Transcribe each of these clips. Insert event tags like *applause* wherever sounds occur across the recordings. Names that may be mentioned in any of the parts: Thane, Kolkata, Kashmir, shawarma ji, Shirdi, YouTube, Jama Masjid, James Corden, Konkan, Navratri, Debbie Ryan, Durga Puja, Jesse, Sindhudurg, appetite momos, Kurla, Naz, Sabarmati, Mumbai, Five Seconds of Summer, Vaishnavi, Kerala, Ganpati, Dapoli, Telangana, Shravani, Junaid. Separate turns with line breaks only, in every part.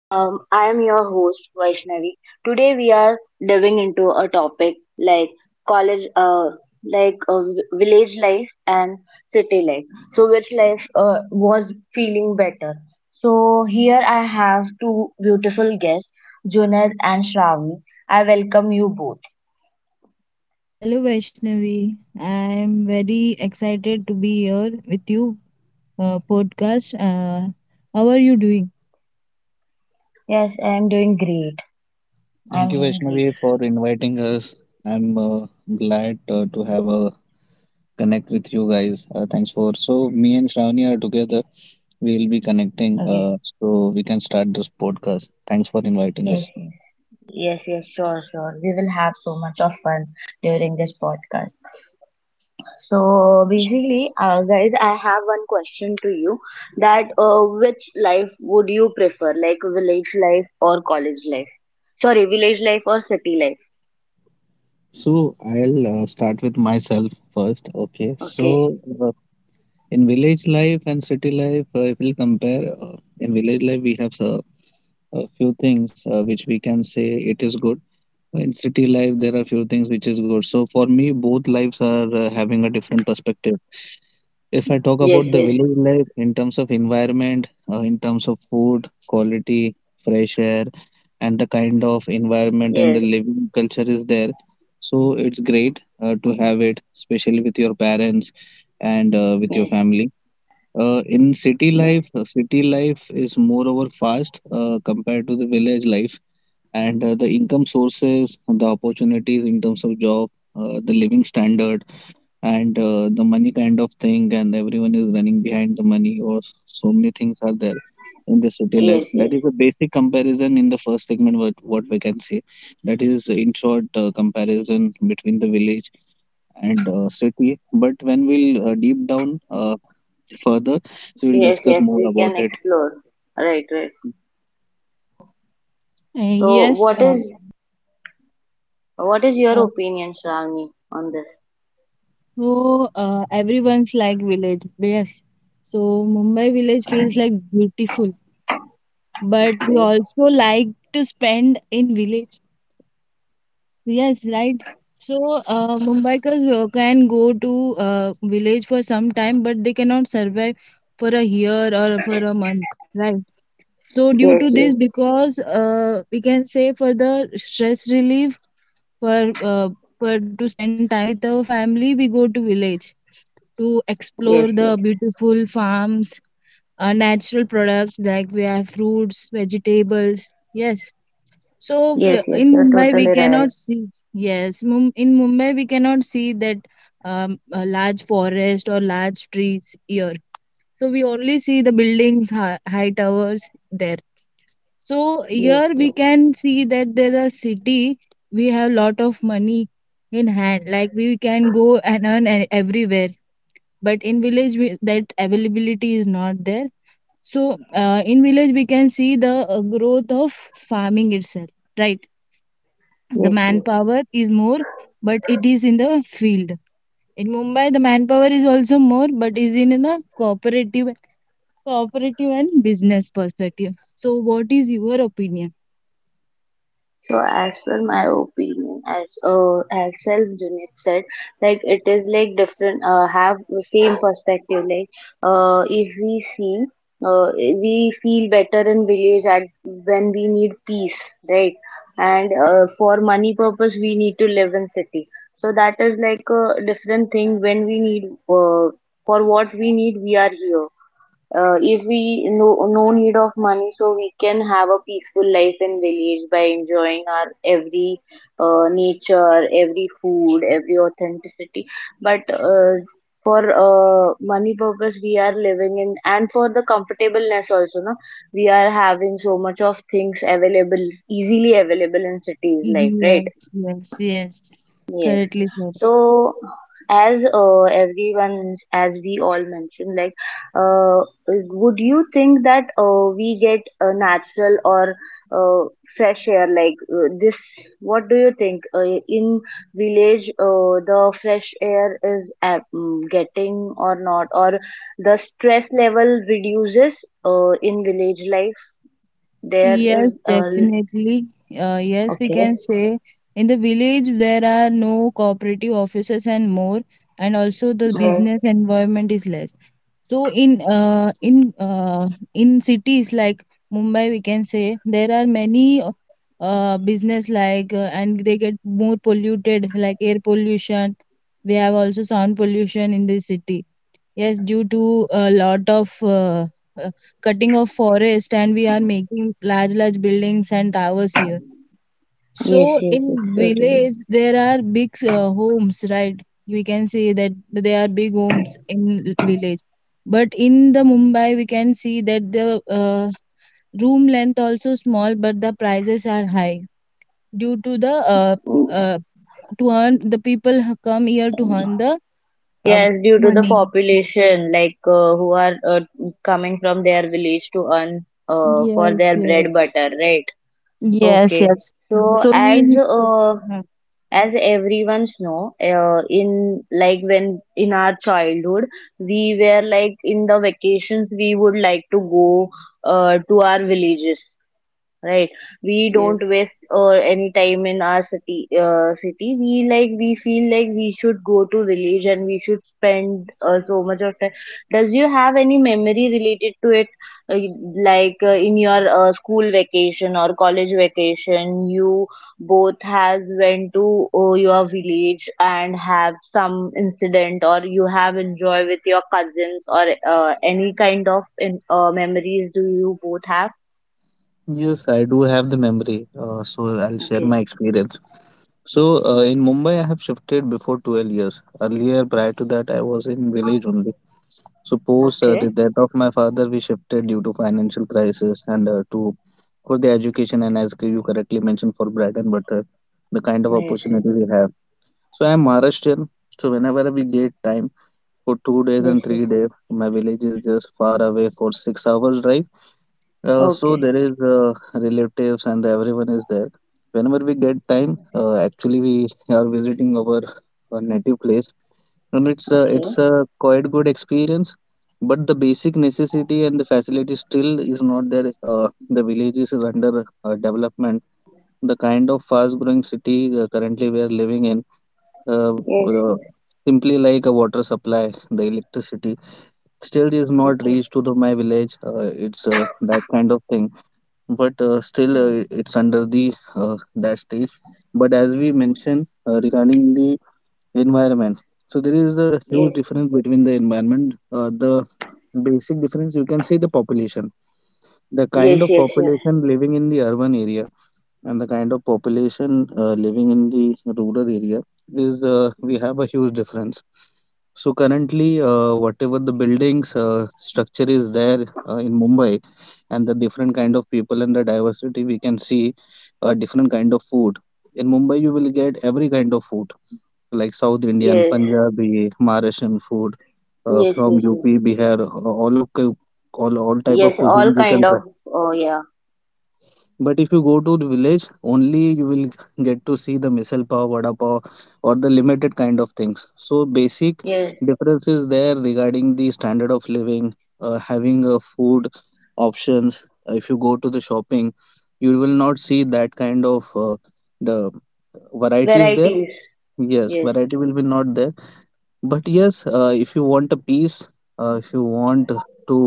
I am your host Vaishnavi. Today we are diving into a topic like college, like village life and city life. So which life was feeling better? So here I have two beautiful guests, Junaid and Shravani. I welcome you both.
Hello Vaishnavi, I am very excited to be here with you podcast. How are you doing?
Yes, I am doing great. I am
Thank you,
doing great.
Vaishnavi, for inviting us. I'm glad to have a connect with you guys. Thanks for so me and Shravani are together. We'll be connecting,
Okay.
so we can start this podcast. Thanks for inviting
Yes.
us.
Yes, yes, sure, sure. We will have so much of fun during this podcast. So
Yes.
basically, guys, I have one question to you that which life would you prefer, like village life or college life? Sorry, village life or city life?
So I'll start with myself first. Okay,
Okay.
so in village life and city life, if we'll compare, in village life we have a few things which we can say it is good. In city life, there are few things which is good. So for me, both lives are having a different perspective. If I talk
Yes,
about the
yes,
village life in terms of environment, in terms of food quality, fresh air, and the kind of environment and the
yes,
living culture is there, so it's great to have it, especially with your parents and with your
yes,
family. Uh, in
yes,
city life is moreover fast compared to the village life, and the income sources, the opportunities in terms of job, the living standard, and the money kind of thing, and everyone is running behind the money, or so many things are there in the city life.
yes,
That
yes,
is the basic comparison in the first segment. What we can say, that is in short comparison between the village and city. But when we'll deep down. Further. So we'll
yes,
discuss
yes.
more
We
about
can
it.
explore. Right, right.
Uh,
So
yes,
what
uh,
is what is
uh,
your opinion, Shravani, on this?
so everyone's like village. Yes, so Mumbai village feels like beautiful, but we also like to spend in village. Yes, right. So Mumbaikers can go to village for some time, but they cannot survive for a year or for a month, right? So
Yes,
due to
yes,
this, because we can say for the stress relief for uh, for to spend time with our family we go to village to
yes,
explore
yes.
the beautiful farms, natural products like we have fruits vegetables yes so
Yes, yes,
in
you are
Mumbai
totally
we
right.
cannot see, yes in Mumbai we cannot see that, a large forest or large trees here, so we only see the buildings high towers there. So
Yes,
here we
yes,
can see that there are city, we have lot of money in hand like we can go and earn everywhere, but in village we, that availability is not there. So in village we can see the growth of farming itself, right? The
yes, yes.
manpower is more, but it is in the field. In Mumbai the manpower is also more but is in, the cooperative cooperative and business perspective. So what is your opinion?
So as per my opinion, as self Junaid said, like it is like different. Have the same perspective. Like if we see, we feel better in village at when we need peace, right? And for money purpose, we need to live in city. So that is like a different thing. When we need for what we need, we are here. Uh, if we no no need of money, so we can have a peaceful life in village by enjoying our every nature, every food, every authenticity, but for money purpose we are living in, and for the comfortableness also no, we are having so much of things available, easily available in cities life, right?
Yes, yes, yes.
Yes.
Correctly said.
So as everyone, as we all mentioned, like, uh, would you think that we get a natural or uh, fresh air like this? What do you think? In village, the fresh air is getting or not, or the stress level reduces in village life? There is
Yes,
a l-
definitely. Yes, we can
Okay.
say in the village there are no cooperative offices and more, and also the
Yes,
business environment is less. So in cities like Mumbai, we can say there are many business like and they get more polluted like air pollution. We have also sound pollution in the city. Yes, due to a lot of uh, cutting of forest, and we are making large buildings and towers here.
yes,
So
yes, it's
in
totally.
village, there are big homes, right? We can see that there are big homes in village. But in the Mumbai, we can see that the room length also small, but the prices are high due to the uh, to earn the people come here to earn the uh,
Yes, due to the
money.
population, like who are coming from their village to earn for
Yes,
their
yes.
bread butter, right?
Yes,
Okay.
yes.
So
So
as
we. Mhm.
uh, as everyone's know, in like when in our childhood, we were like in the vacations we would like to go to our villages, right?
Yes,
We
yes.
don't waste any time in our city, we like we feel like we should go to village and we should spend so much of time. Does you have any memory related to it? uh, like in your school vacation or college vacation, you both has went to your village and have some incident, or you have enjoy with your cousins, or any kind of memories do you both have?
Yes, I do have the memory, so I'll share
Okay,
my experience. So, in Mumbai, I have shifted before 12 years. Earlier, prior to that, I was in village only. So, post the
okay.
death of my father, we shifted due to financial crisis and to for the education and as you correctly mentioned for bread and butter, the kind of
Yes, yes,
opportunity we have. So, I am Maharashtrian. So, whenever we get time, for 2 days
yes,
and
yes.
3 days. My village is just far away for 6 hours drive. So
Okay,
there is relatives and everyone is there. Whenever we get time, actually we are visiting our native place, and it's a,
okay.
it's a quite good experience. But the basic necessity and the facility still is not there. The village is under development. The kind of fast-growing city currently we are living in, uh,
Yes,
uh,
yes,
simply like a water supply, the electricity still it is not
okay.
reached to the my village it's that kind of thing, but still
Mm.
it's under the uh, that stage. But as we mentioned regarding the environment, so there is a huge
Yes,
difference between the environment, the basic difference you can say the population, the
yes,
kind of
yes, yes,
population living in the urban area and the kind of population living in the rural area is, we have a huge difference. So currently, whatever the buildings structure is there in Mumbai, and the different kind of people and the diversity, we can see different kind of food. In Mumbai, you will get every kind of food, like South Indian,
yes,
Punjabi, Maharashtrian food,
yes,
from
yes, yes.
UP, Bihar, all type of
Yes, all
cuisine you
kind
can try.
of. Oh yeah.
But if you go to the village, only you will get to see the misal pav, vada pav, or the limited kind of things. So basic
Yes,
difference is there regarding the standard of living, having a food options. If you go to the shopping, you will not see that kind of the varieties there.
varieties.
Yes,
Yes,
variety will be not there, but yes, if you want a peace, if you want to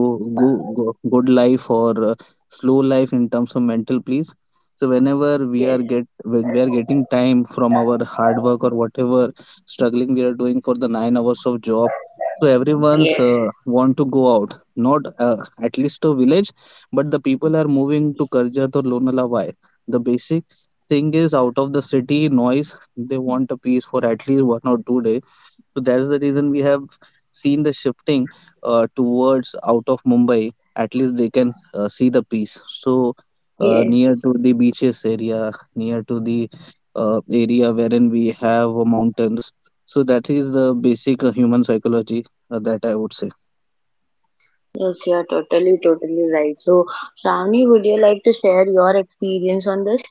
go good life or slow life in terms of mental peace, so
yes,
when we are getting time from our hard work or whatever struggling we are doing for the 9 hours of job, so everyone's
yes,
want to go out, not at least a village, but the people are moving to Karjat or Lonavala. The basic thing is out of the city noise, they want a peace for at least 1 or 2 days. So that is the reason we have seen the shifting towards out of Mumbai. At least they can see the peace. So
yes.
near to the beaches area, near to the area wherein we have mountains. So that is the basic human psychology that I would say.
Yes, you are totally, totally right. So, Shravani, would you like to share your experience on this?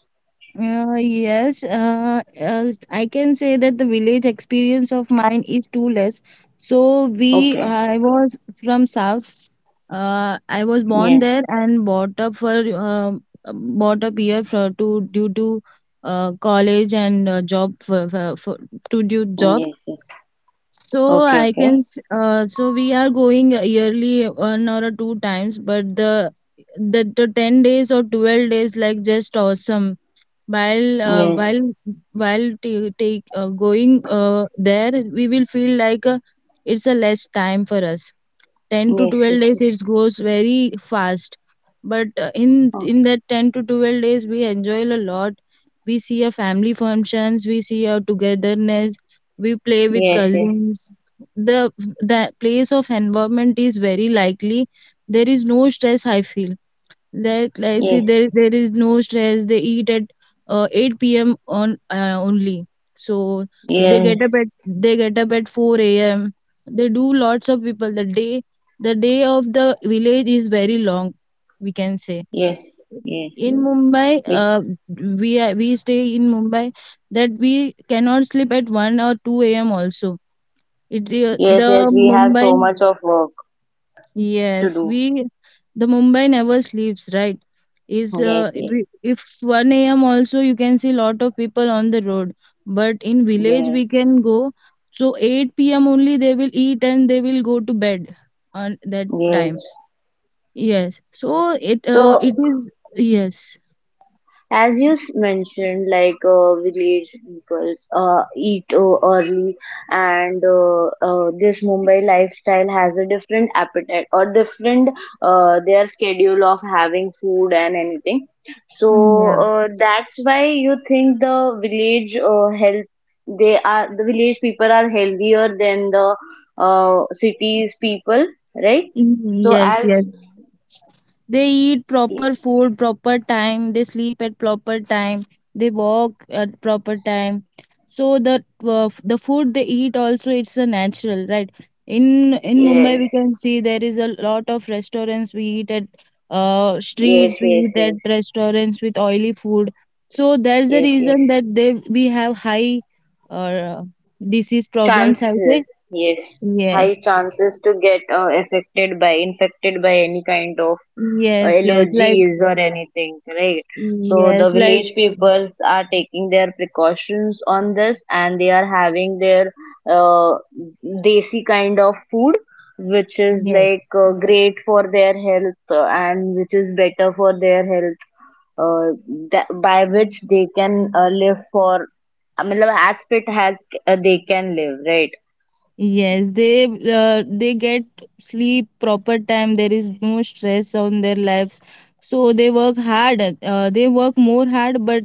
Uh, yes, uh, uh, I can say that the village experience of mine is too less. So we,
Okay.
I was from South. I was born
Yes.
there and brought up here for to due to college and job for to do job.
Yes. Yes.
So
Okay.
I can
Okay.
so we are going yearly one or two times, but the 10 days or 12 days like just awesome while uh,
Yes.
while while t- take going there we will feel like it's a less time for us. 10 to
Yes. Yes.
12 days
Yes.
it goes very fast, but
Okay.
in that 10 to 12 days we enjoy a lot. We see our family functions, we see our togetherness, we play with
Yes. Yes.
cousins. the the place of environment is very likely, there is no stress I feel. That like see,
Yes.
there is no stress. They eat at 8 p.m. on only. So
Yes.
they get up at 4 a.m. They do lots of people. The day of the village is very long. We can say
Yes, yes,
in
yes.
Mumbai,
Bec-
we stay in Mumbai that we cannot sleep at 1 or 2 a.m. also. It
Yes, yes,
the
we have so
Mumbai
much of work to
Yes,
do.
we the Mumbai never sleeps, right? Is
Yes,
if
yes,
if 1 a.m. also you can see lot of people on the road, but in village
yes,
we can go. So 8 p.m. only they will eat and they will go to bed on that time.
yes.
Yes, so
So,
it is, yes.
as you mentioned, like village people eat early, and this Mumbai lifestyle has a different appetite or different, their schedule of having food and anything. So
Mm, yeah.
that's why you think the village health, the village people are healthier than the cities people, right?
Mm,
So
yes,
as
yes. They eat proper food proper time, they sleep at proper time, they walk at proper time, so the the food they eat also it's a natural, right? In Mumbai
Yes, yes,
we can see there is a lot of restaurants, we eat at
yes,
streets, we eat at
yes,
restaurants with oily food, so there's a
yes, yes.
reason that they we have high uh, disease problems I would
Chances.
say.
Yes, high
Yes,
chances to get affected by infected by any kind of
yes, yes, like
allergies or anything, right? So the
yes, like
village peoples are taking their precautions on this, and they are having their uh, desi kind of food, which is like
yes.
great for their health, and which is better for their health, uh, that, by which they can live for, I mean, as fit as they can live, right?
Yes, they get sleep proper time. There is no stress on their lives, so they work hard. They work more hard, but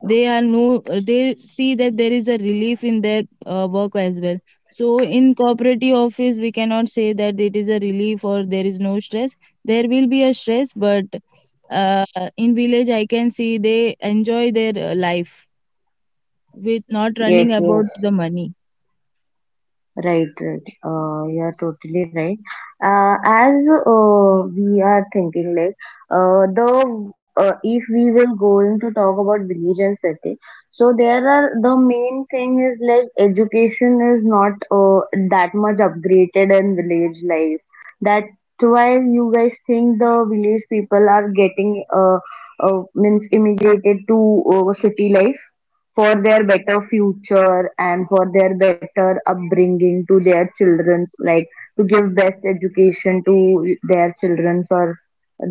they are no. They see that there is a relief in their work as well. So in cooperative office, we cannot say that it is a relief or there is no stress. There will be a stress, but uh, in village, I can see they enjoy their life with not running
Yes, yes,
about the money.
right, right. You are totally right. As we are thinking, like, the if we will going to talk about village and city, so there are the main thing is like education is not that much upgraded in village life. That's why you guys think the village people are getting means immigrated to city life for their better future and for their better upbringing to their children's, like to give best education to their children's or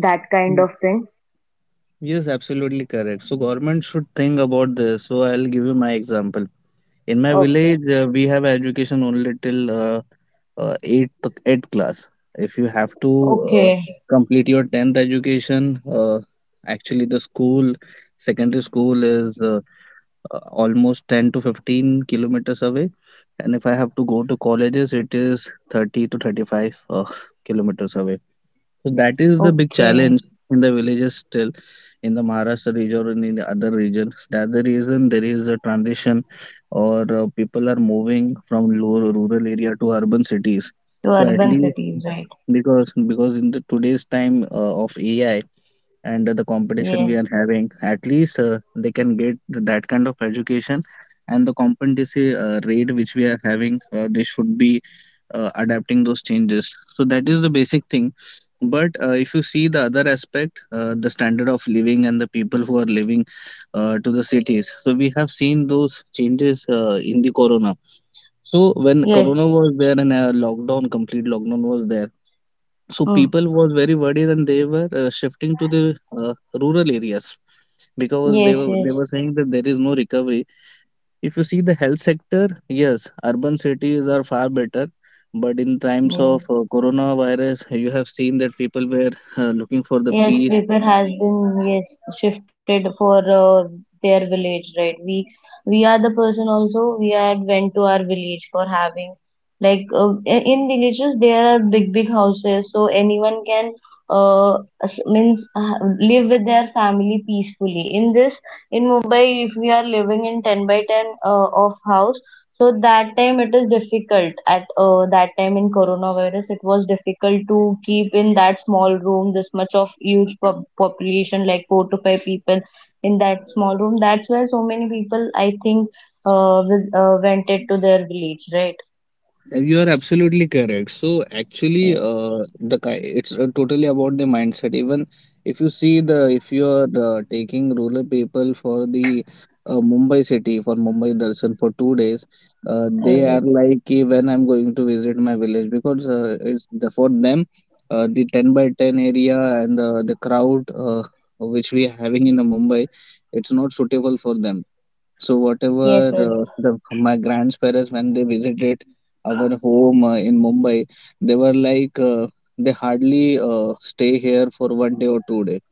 that kind of thing.
Yes, absolutely correct. So government should think about this. So I'll give you my example. In my
Okay.
village, we have education only till eighth class. If you have to uh,
Okay,
complete your 10th education, actually the school, secondary school is almost 10 to 15 kilometers away, and if I have to go to colleges, it is 30 to 35 kilometers away. So that is the big
okay.
challenge in the villages still, in the Maharashtra region and in the other region. That's the reason there is a transition or people are moving from lower rural area to urban cities.
You are,
So at least, because in the today's time of AI and the competition we are having, at least they can get that kind of education and the competency rate which we are having. They should be adapting those changes, so that is the basic thing. But if you see the other aspect, the standard of living and the people who are living to the cities, so we have seen those changes in the corona. So when
yes,
corona was there and a lockdown, complete lockdown was there, so
mm,
people was very worried and they were shifting to the rural areas, because they
yes,
were they
yes,
were saying that there is no recovery. If you see the health sector, yes, urban cities are far better, but in times of
yes.
coronavirus, you have seen that people were looking for the
Yes,
peace.
people has been, yes, shifted for their village, right? We are the person also. We are went to our village for having, like in villages there are big big houses, so anyone can uh means live with their family peacefully. In Mumbai, if we are living in 10 by 10 of house, so that time it is difficult at that time. In coronavirus, it was difficult to keep in that small room this much of huge population, like four to five people in that small room. That's why so many people, I think, went it to their village, right?
You are absolutely correct. So actually,
Yes,
it's totally about the mindset. Even if you see, the if you are taking rural people for the Mumbai city, for Mumbai darshan for 2 days, they are like, "Ki, when I'm going to visit my village?" Because for them, the 10 by 10 area, and the crowd which we are having in the Mumbai, it's not suitable for them. So
yes,
whatever,
yes,
the my grandparents, when they visited our home in Mumbai, they were like, they hardly stay here for one day or 2 day.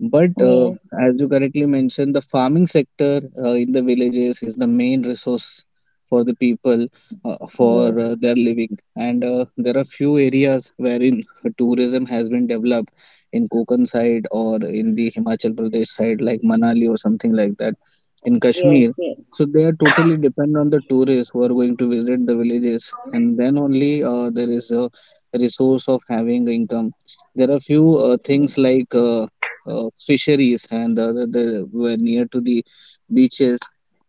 But
yes,
as you correctly mentioned, the farming sector in the villages is the main resource for the people for their living. And there are few areas wherein tourism has been developed, in Konkan side or in the Himachal Pradesh side, like Manali or something like that,
yes,
in
yes,
Kashmir.
yes, yes,
So they are totally dependent on the tourists who are going to visit the villages, and then only there is a resource of having income. There are few things like fisheries, and the were near to the beaches,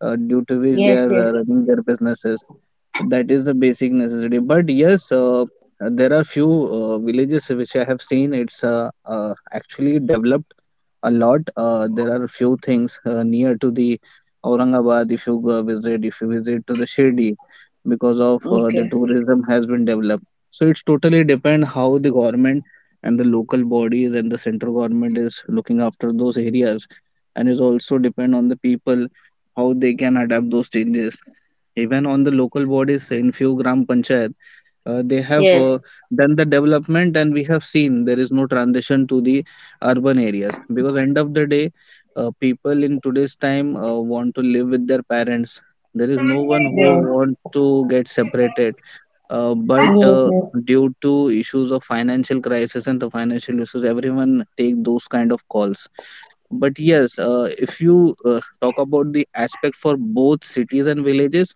due to which they
yes,
are
yes.
running their businesses. That is the basic necessity. But yes, there are few villages which I have seen, it's actually developed a lot. There are a few things near to the Aurangabad. If you go visit, if you visit to the Shirdi, because of the
Okay,
tourism has been developed. So it's totally depend how the government and the local bodies and the central government is looking after those areas, and is also depend on the people how they can adapt those changes. Even on the local bodies, in few gram panchayats, they have
yes, yes,
done the development, and we have seen there is no transition to the urban areas, because end of the day, people in today's time want to live with their parents. There is no one who
yes,
want to get separated, but
yes,
due to issues of financial crisis and the financial issues, everyone take those kind of calls. But yes, if you talk about the aspect for both cities and villages,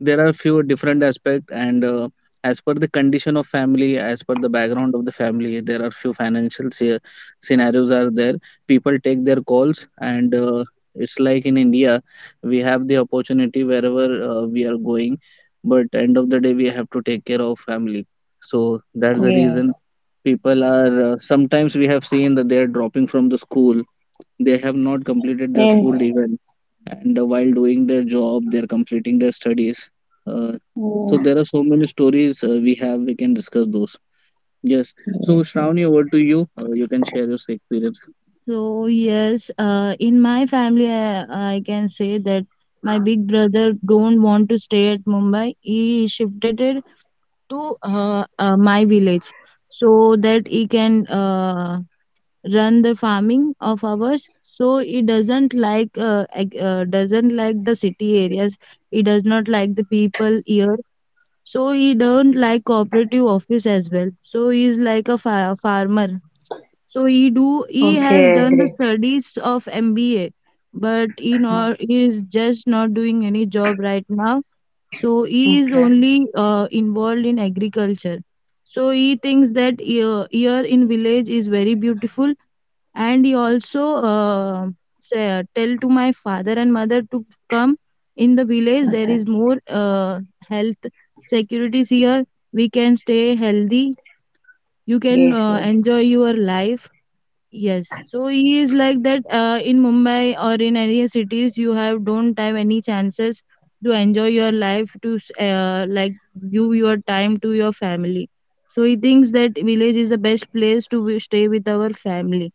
there are few different aspect, and as per the condition of family, as per the background of the family, there are few financial scenarios are there. People take their calls, and it's like in India, we have the opportunity wherever we are going, but end of the day we have to take care of family. So that's the
yes,
reason people are sometimes, we have seen that they are dropping from the school, they have not completed their school
yes,
even, and while doing their job, they're completing their studies. Uh, so
yes, yes,
there are so many stories we have. We can discuss those. Yes. So Shravani, over to you. You can share your experience. So, yes, in my family, I can say that my big brother don't want to stay at Mumbai. He shifted it to my village so that he can run the farming of ours. So it doesn't like doesn't like the city areas, it does not like the people here. So he don't like cooperative office as well. So he is like a farmer. So he has
okay,
done the
great.
studies of MBA, but he is just not doing any job right now. So he is
Okay.
only involved in agriculture. So he thinks that here in village is very beautiful. And he also tell to my father and mother to come in the village. There is more health securities here. We can stay healthy, you can
Yes, yes.
enjoy your life. Yes, so he is like that. In Mumbai or in any cities, you have, don't have any chances to enjoy your life, to like, give your time to your family. So he thinks that village is the best place to stay with our family.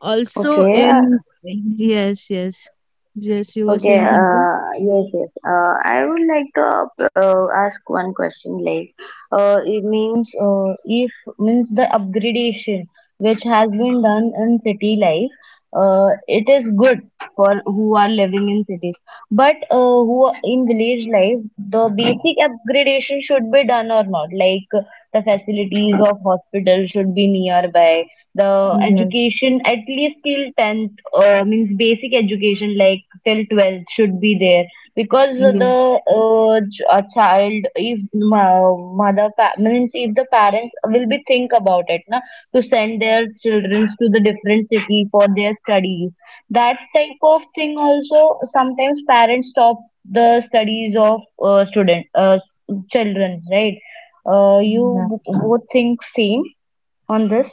Also
Okay,
in, yes, yes. Yes, you were
okay,
saying something?
yes, yes. I would like to ask one question, like, it means, if means the upgradation which has been done in city life, it is good for who are living in cities, but who are in village life, the basic upgradation should be done or not, like the facilities of hospital should be nearby, the
Yes.
education at least till 10th, means basic education like till 12th should be there, because the
Yes.
a child if mother means if the parents will be think about it na to send their children to the different city for their studies, that type of thing also sometimes parents stop the studies of student children, right? You
Yeah.
both think same on this?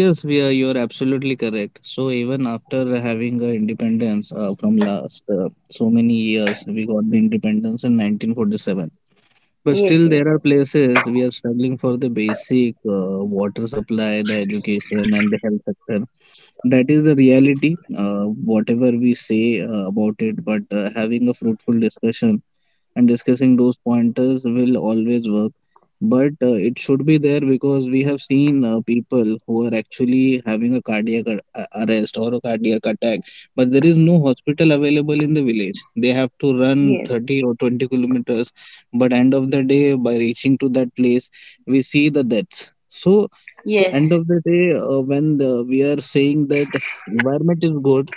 Yes, we are, you're absolutely correct. So even after having independence from last so many years, we got the independence in 1947. But
Yes,
still, there are places we are struggling for the basic water supply, the education, and the health sector. That is the reality. Whatever we say about it, but having a fruitful discussion and discussing those pointers will always work. But it should be there, because we have seen people who are actually having a cardiac arrest or a cardiac attack, but there is no hospital available in the village. They have to run
yes, yes,
30 or 20 kilometers, but end of the day, by reaching to that place, we see the deaths. So,
yes,
end of the day, when we are saying that environment is good,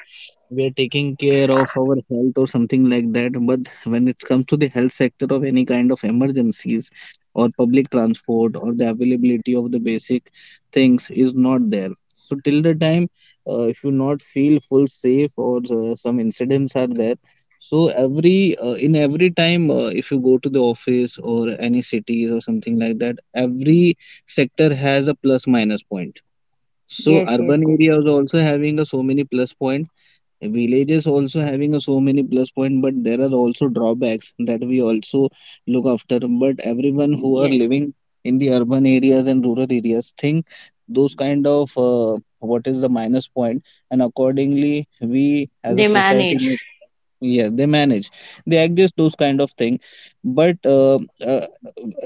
we are taking care of our health or something like that. But when it comes to the health sector, of any kind of emergencies or public transport or the availability of the basic things is not there, so till the time, if you not feel full safe, or some incidents are there. So every in every time, if you go to the office or any cities or something like that, every sector has a plus minus point. So
yes, yes,
urban areas also having a so many plus point, villages also having a so many plus point, but there are also drawbacks that we also look after. But everyone who are
yes.
living in the urban areas and rural areas, think those kind of, what is the minus point, and accordingly we as a
They
society.
manage.
Yeah, they manage. They exist those kind of thing, but uh,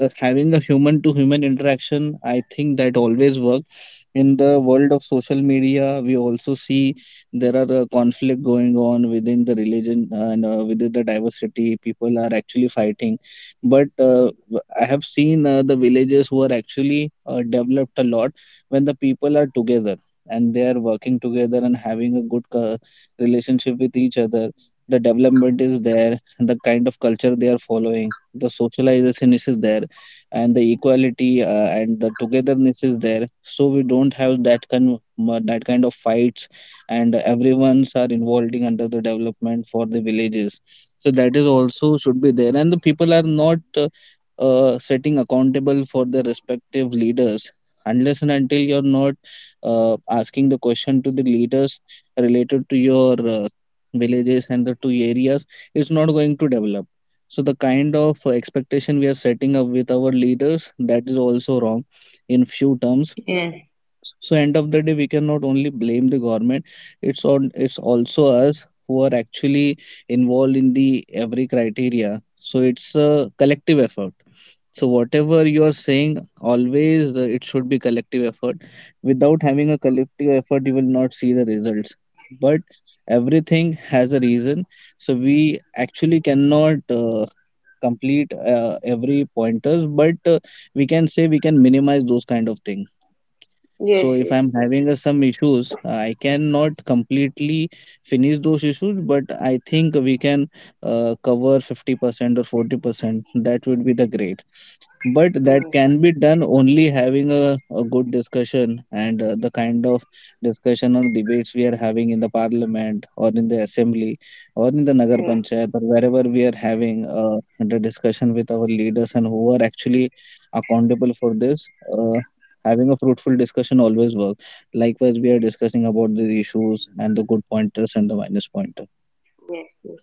having a human to human interaction, I think that always work. In the world of social media, we also see there are conflict going on within the religion and within the diversity. People are actually fighting, but I have seen the villages who are actually developed a lot, when the people are together, and they are working together and having a good relationship with each other. The development is there, the kind of culture they are following, the socialization is there, and the equality, and the togetherness is there. So we don't have that kind of fights, and everyone's are involving under the development for the villages. So that is also should be there, and the people are not setting accountable for their respective leaders unless and until you're not asking the question to the leaders related to your villages and the two areas, it's not going to develop. So the kind of expectation we are setting up with our leaders, that is also wrong in few terms.
Yes.
So end of the day, we cannot only blame the government. It's also us who are actually involved in the every criteria, so it's a collective effort. So whatever you are saying, always, it should be collective effort. Without having a collective effort, you will not see the results. But everything has a reason. So we actually cannot complete every pointers, but we can say we can minimize those kind of thing.
Yes,
So if
yes,
I'm
yes,
having some issues, I cannot completely finish those issues, but I think we can cover 50% or 40%. That would be the great. But that
yes,
can be done only having a good discussion and the kind of discussion or debates we are having in the parliament or in the assembly or in the Nagar
yes,
Panchayat or wherever we are having the discussion with our leaders and who are actually accountable for this. Uh, Having a fruitful discussion always works. Likewise, we are discussing about the issues and the good pointers and the minus pointer.
yes, yes.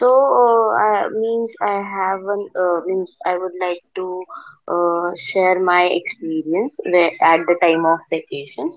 So, means I have an, means I would like to share my experience where, at the time of vacations.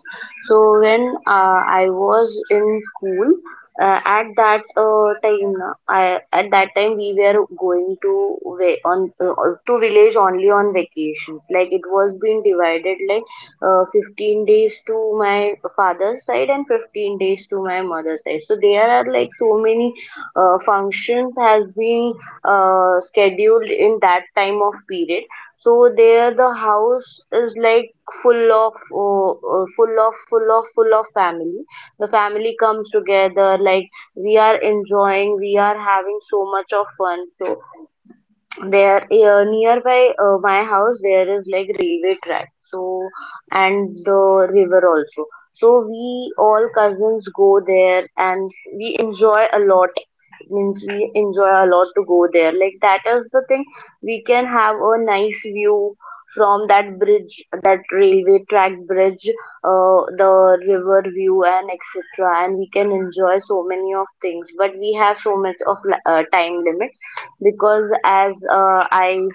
So, when I was in school, at that time, na, at that time we were going to va- on to village only on vacations. Like it was being divided like 15 days to my father's side and 15 days to my mother's side. So there are like so many functions has been scheduled in that time of period, so there the house is like full of full of full of full of family, the family comes together, like we are enjoying, we are having so much of fun. So there nearby my house there is like railway track, so, and the river also, so we all cousins go there, and we enjoy a lot, means we enjoy a lot to go there, like that is the thing. We can have a nice view from that bridge, that railway track bridge, the river view and etc, and we can enjoy so many of things, but we have so much of time limit, because as uh, I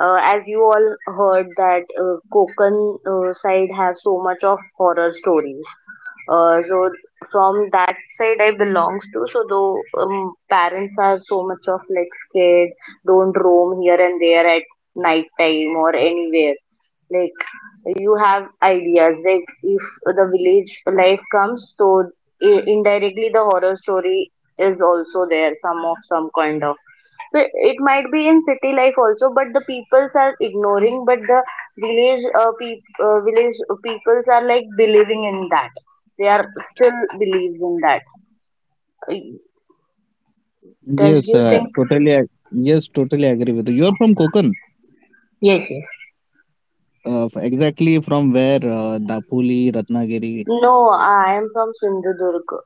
uh, as you all heard that Konkan side have so much of horror stories. So from that side I belongs to. So though parents are so much of like scared, don't roam here and there at night time or anywhere. Like you have ideas. Like if the village life comes, so indirectly the horror story is also there, some kind of. So it might be in city life also, but the peoples are ignoring, but the village peoples are like believing in that. They are still believes in that. Uh, Does
Yes,
you think?
totally. Yes, totally agree with you. You're from Konkan.
Yes, yes.
Exactly from where? Dapoli, Ratnagiri,
No, I am from Sindhudurg.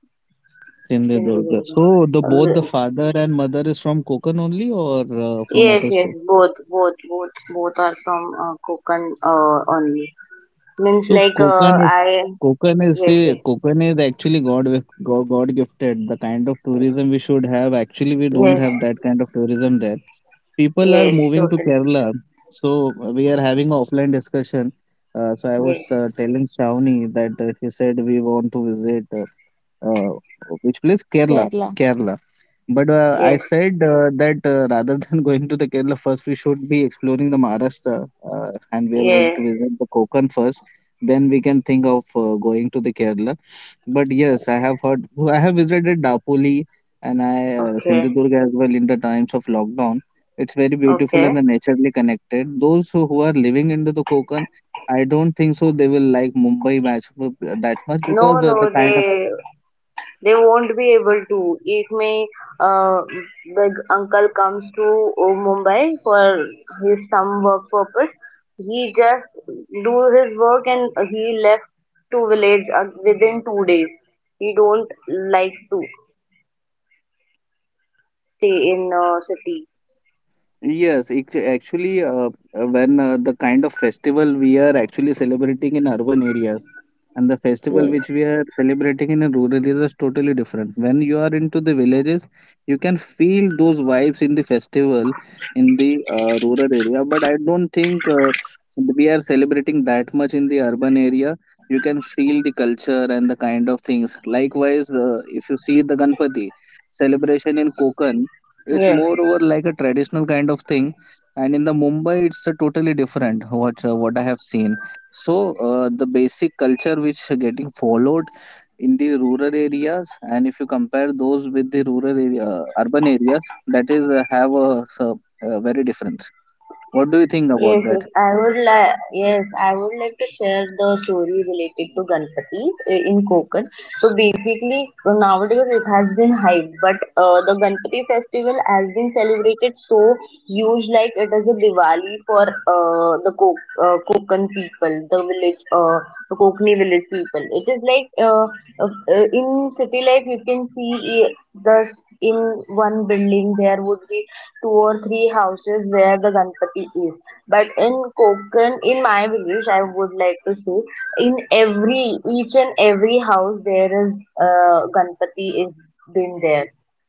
Sindhudurg.
Sindhudurg.
So the both the
Uh,
father and mother is from Konkan only or from
Yes,
other
yes,
state.
both are from Konkan only. Means
So
like
Konkan is Konkan is
yes,
the
yes,
Konkan is actually God gifted. The kind of tourism we should have actually we don't
yes,
have that kind of tourism there. People are
yes,
moving to
totally,
Kerala. So we are having an offline discussion. So I
yes,
was telling Shravani that she said we want to visit uh, which place? Kerala. Kerala. Kerala. But I
yes,
said that rather than *laughs* going to the Kerala first, we should be exploring the Maharashtra, and we are going
yes.
to visit the Konkan first. Then we can think of going to the Kerala. But yes, I have heard, *laughs* I have visited Dapoli and I
Okay.
Sindhudurg as well in the times of lockdown. It's very beautiful and
Okay.
the naturally connected. Those who are living into the Konkan, I don't think so they will like Mumbai much that much, because
No,
the,
no,
the kind.
they won't be able to. If my uh, big uncle comes to Mumbai for his some work purpose, he just do his work and he left to village within 2 days. He don't like to stay in city.
Yes, actually, when the kind of festival we are actually celebrating in urban areas and the festival
Yes.
which we are celebrating in a rural areas is totally different. When you are into the villages, you can feel those vibes in the festival in the rural area, but I don't think we are celebrating that much in the urban area. You can feel the culture and the kind of things. Likewise, if you see the Ganpati celebration in
Yes.
Konkan, it's moreover like a traditional kind of thing, and in the Mumbai it's a totally different, what what I have seen. So the basic culture which getting followed in the rural areas, and if you compare those with the rural area, urban areas, that is have a very difference. What do you think about
Yes,
that?
yes, I would like, yes, I would like to share the story related to Ganpatis in Konkan. So basically, nowadays it has been hyped, but the Ganpati festival has been celebrated so huge, like it is a Diwali for the Kok Konkan people, the village, the Kokni village people. It is like in city life you can see the in one building there would be two or three houses where the Ganpati is. But in Konkan, in my village, I would like to say, in every, each and every house, there is Ganpati is been there.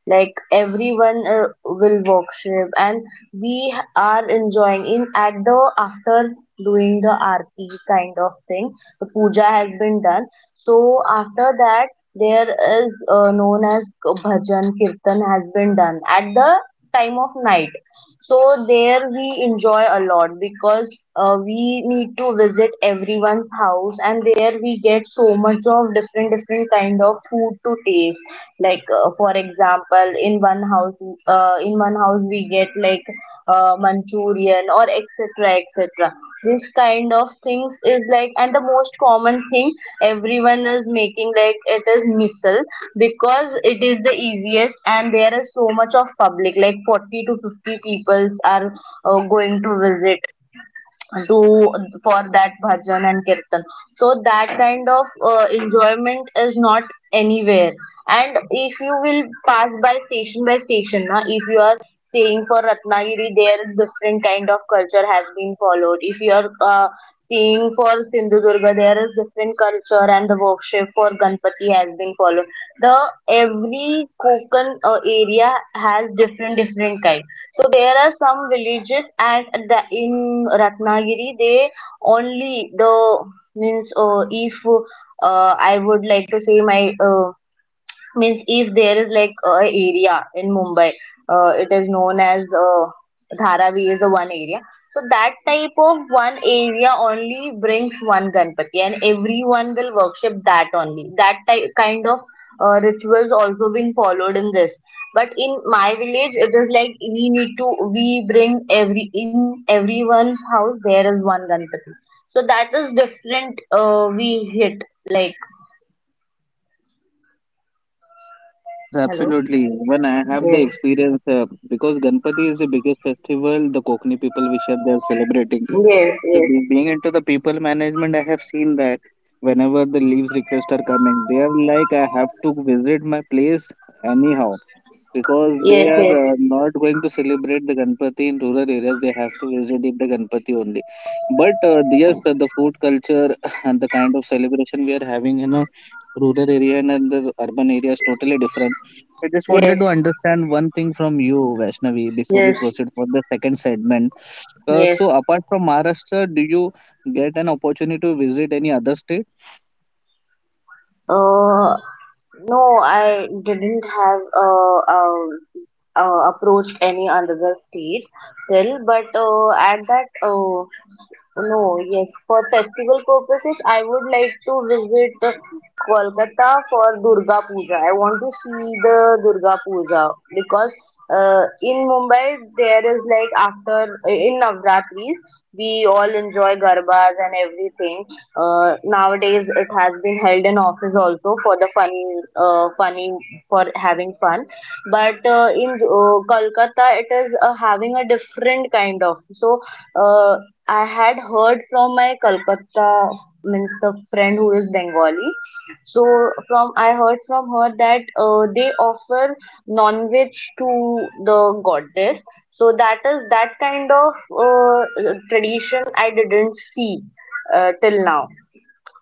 Like everyone will worship, and we are enjoying in at the after doing the aarti kind of thing. The puja has been done. So after that, there is known as bhajan kirtan has been done at the time of night. So there we enjoy a lot because we need to visit everyone's house and there we get so much of different different kind of food to taste. Like for example, in one house we get like Manchurian or etc. etc. This kind of things is like and the most common thing everyone is making like it is misal because it is the easiest and there is so much of public like 40 to 50 peoples are going to visit do for that bhajan and kirtan, so that kind of enjoyment is not anywhere. And if you will pass by station na, if you are staying for Ratnagiri there is different kind of culture has been followed. If you are staying for Sindhudurga there is different culture and the worship for Ganpati has been followed. The every Kokan area has different different kind. So there are some villages at the in Ratnagiri they only the means if I would like to say my means if there is like a area in Mumbai, it is known as Dharavi is the one area. So that type of one area only brings one Ganpati, and everyone will worship that only. That type kind of rituals also being followed in this. But in my village, it is like we need to we bring every in everyone's house there is one Ganpati. So that is different. We hit like
Yes,
hello.
absolutely, when I have the
Yes,
experience, because Ganpati is the biggest festival, the Kokni people which are there celebrating.
yes,
So
yes.
being into the people management, I have seen that whenever the leaves requests are coming, they are like, I have to visit my place anyhow, because they
Yes,
are
yes,
not going to celebrate the Ganpati in rural areas. They have to visit in the Ganpati only. But yes, the food culture *laughs* and the kind of celebration we are having in a rural area and in the urban area is totally different. I just wanted
yes,
to understand one thing from you, Vaishnavi, before we
yes,
proceed for the second segment. uh,
yes.
so apart from Maharashtra, do you get an opportunity to visit any other state?
Uh, no, I didn't have approached any another state till, but at that no, yes. For festival purposes, I would like to visit Kolkata for Durga Puja. I want to see the Durga Puja because in Mumbai there is like after in Navratris we all enjoy garbas and everything. Nowadays it has been held in office also for the fun, funny for having fun. But in Kolkata it is having a different kind of so. Uh, I had heard from my Kolkata means the friend who is Bengali. So from I heard from her that they offer non-veg to the goddess. So that is that kind of tradition I didn't see till now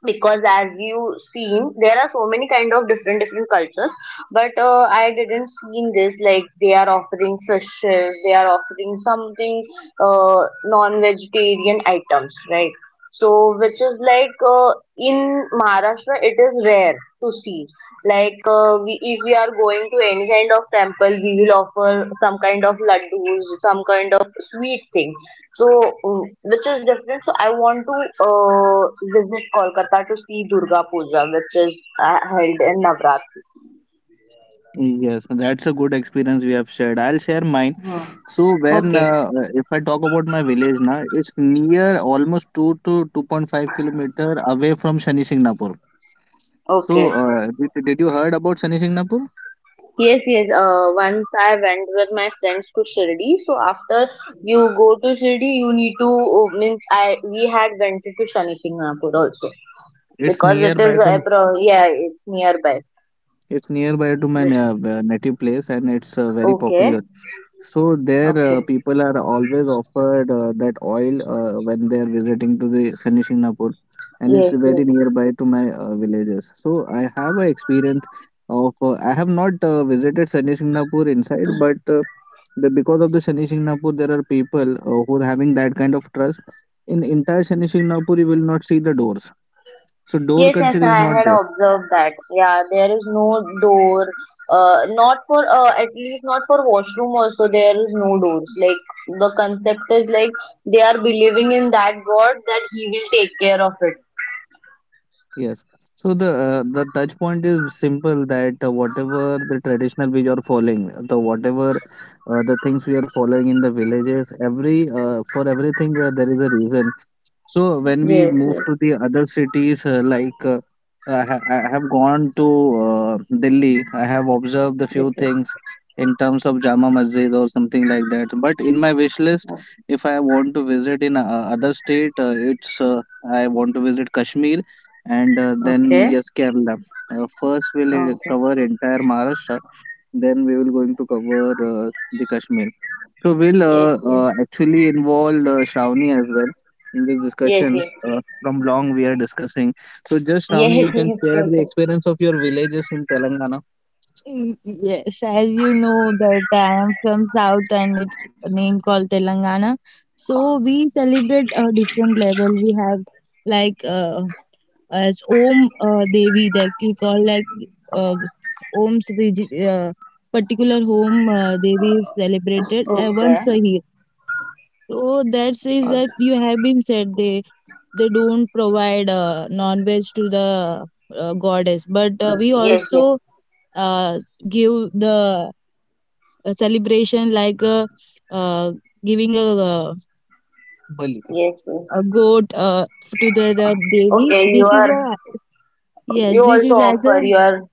because as you seen there are so many kind of different different cultures, but I didn't seen this like they are offering fishes they are offering something non-vegetarian items, right? So which is like in Maharashtra it is rare to see, like we, if we are going to any kind of temple we will offer some kind of laddus some kind of sweet thing, so, which is different. So, I want to visit Kolkata to see Durga Puja, which is held in Navratri.
Yes, that's a good experience we have shared. I'll share mine.
Oh,
So when, if I talk about my village now, it's near almost 2 to 2.5 kilometer away from Shani Singnapur. So
okay.
did you heard about Shani Singnapur?
Yes, yes. Once I went with my friends to Shirdi. So after you go to Shirdi, you need to means I we had went to Shani Singhapur also
It's
because it
nearby
is
to
yeah it's nearby.
it's nearby to my
Okay.
native place and it's very
Okay.
popular. So there,
Okay.
people are always offered that oil when they are visiting to the Shani Shignapur, and it's
Yes,
very
yes.
nearby to my villages. So I have a experience of I have not visited Shani Shignapur inside, but because of the Shani Shignapur, there are people who are having that kind of trust. In entire Shani Shignapur, you will not see the doors. So door
Yes, yes,
culture is
I
not
had
there.
observed that. Yeah, there is no door. Not for at least not for washroom also there is no doors. Like the concept is like they are believing in that God that He will take care of it.
Yes. So the the touch point is simple that whatever the traditional we are following, the things we are following in the villages, every for everything, there is a reason. So when we
Yes,
move
yes,
to the other cities, like, I have gone to Delhi, I have observed a
yes,
few
yes.
things in terms of Jama Masjid or something like that. But in my wish list,
Oh,
if I want to visit in other state, it's I want to visit Kashmir and then
okay,
yes, Kerala. First we'll
okay.
cover entire Maharashtra, then we will going to cover the Kashmir. So we'll
Yes, yes,
actually involve Shravani as well in this
yes,
discussion.
yes,
From long we are discussing. So just Shravani,
yes,
you
*laughs*
can
yes,
share the
totally.
experience of your villages in Telangana. Y- Yes, as you know that I am from South and it's a name called Telangana. So we celebrate a different level. We have like uh, as Om Devi that we call uh, Om's particular home Devi is celebrated
Okay.
once a year. So that says
Okay.
that you have been said they don't provide non-veg to the goddess, but we
Yes, yes,
also uh, give the celebration like, uh, giving a, Bali,
yes, yes.
a goat, to the Devi.
Okay,
This is a. Yes,
you
this
also
is as
offer
a.
your.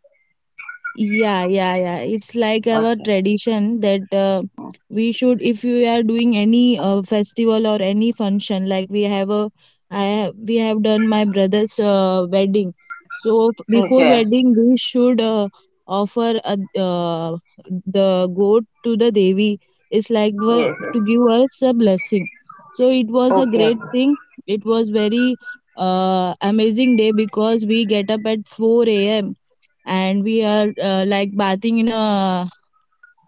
Yeah, yeah, yeah. It's like our
Okay.
tradition that we should, if we are doing any festival or any function, like we have a, I have, we have done my brother's wedding. So before
Okay.
wedding, we should offer the goat to the Devi. It's like
Yes, yes.
to give us a blessing. So it was a
Okay. Okay.
great thing. It was very amazing day, because we get up at 4 a.m., and we are like bathing in a,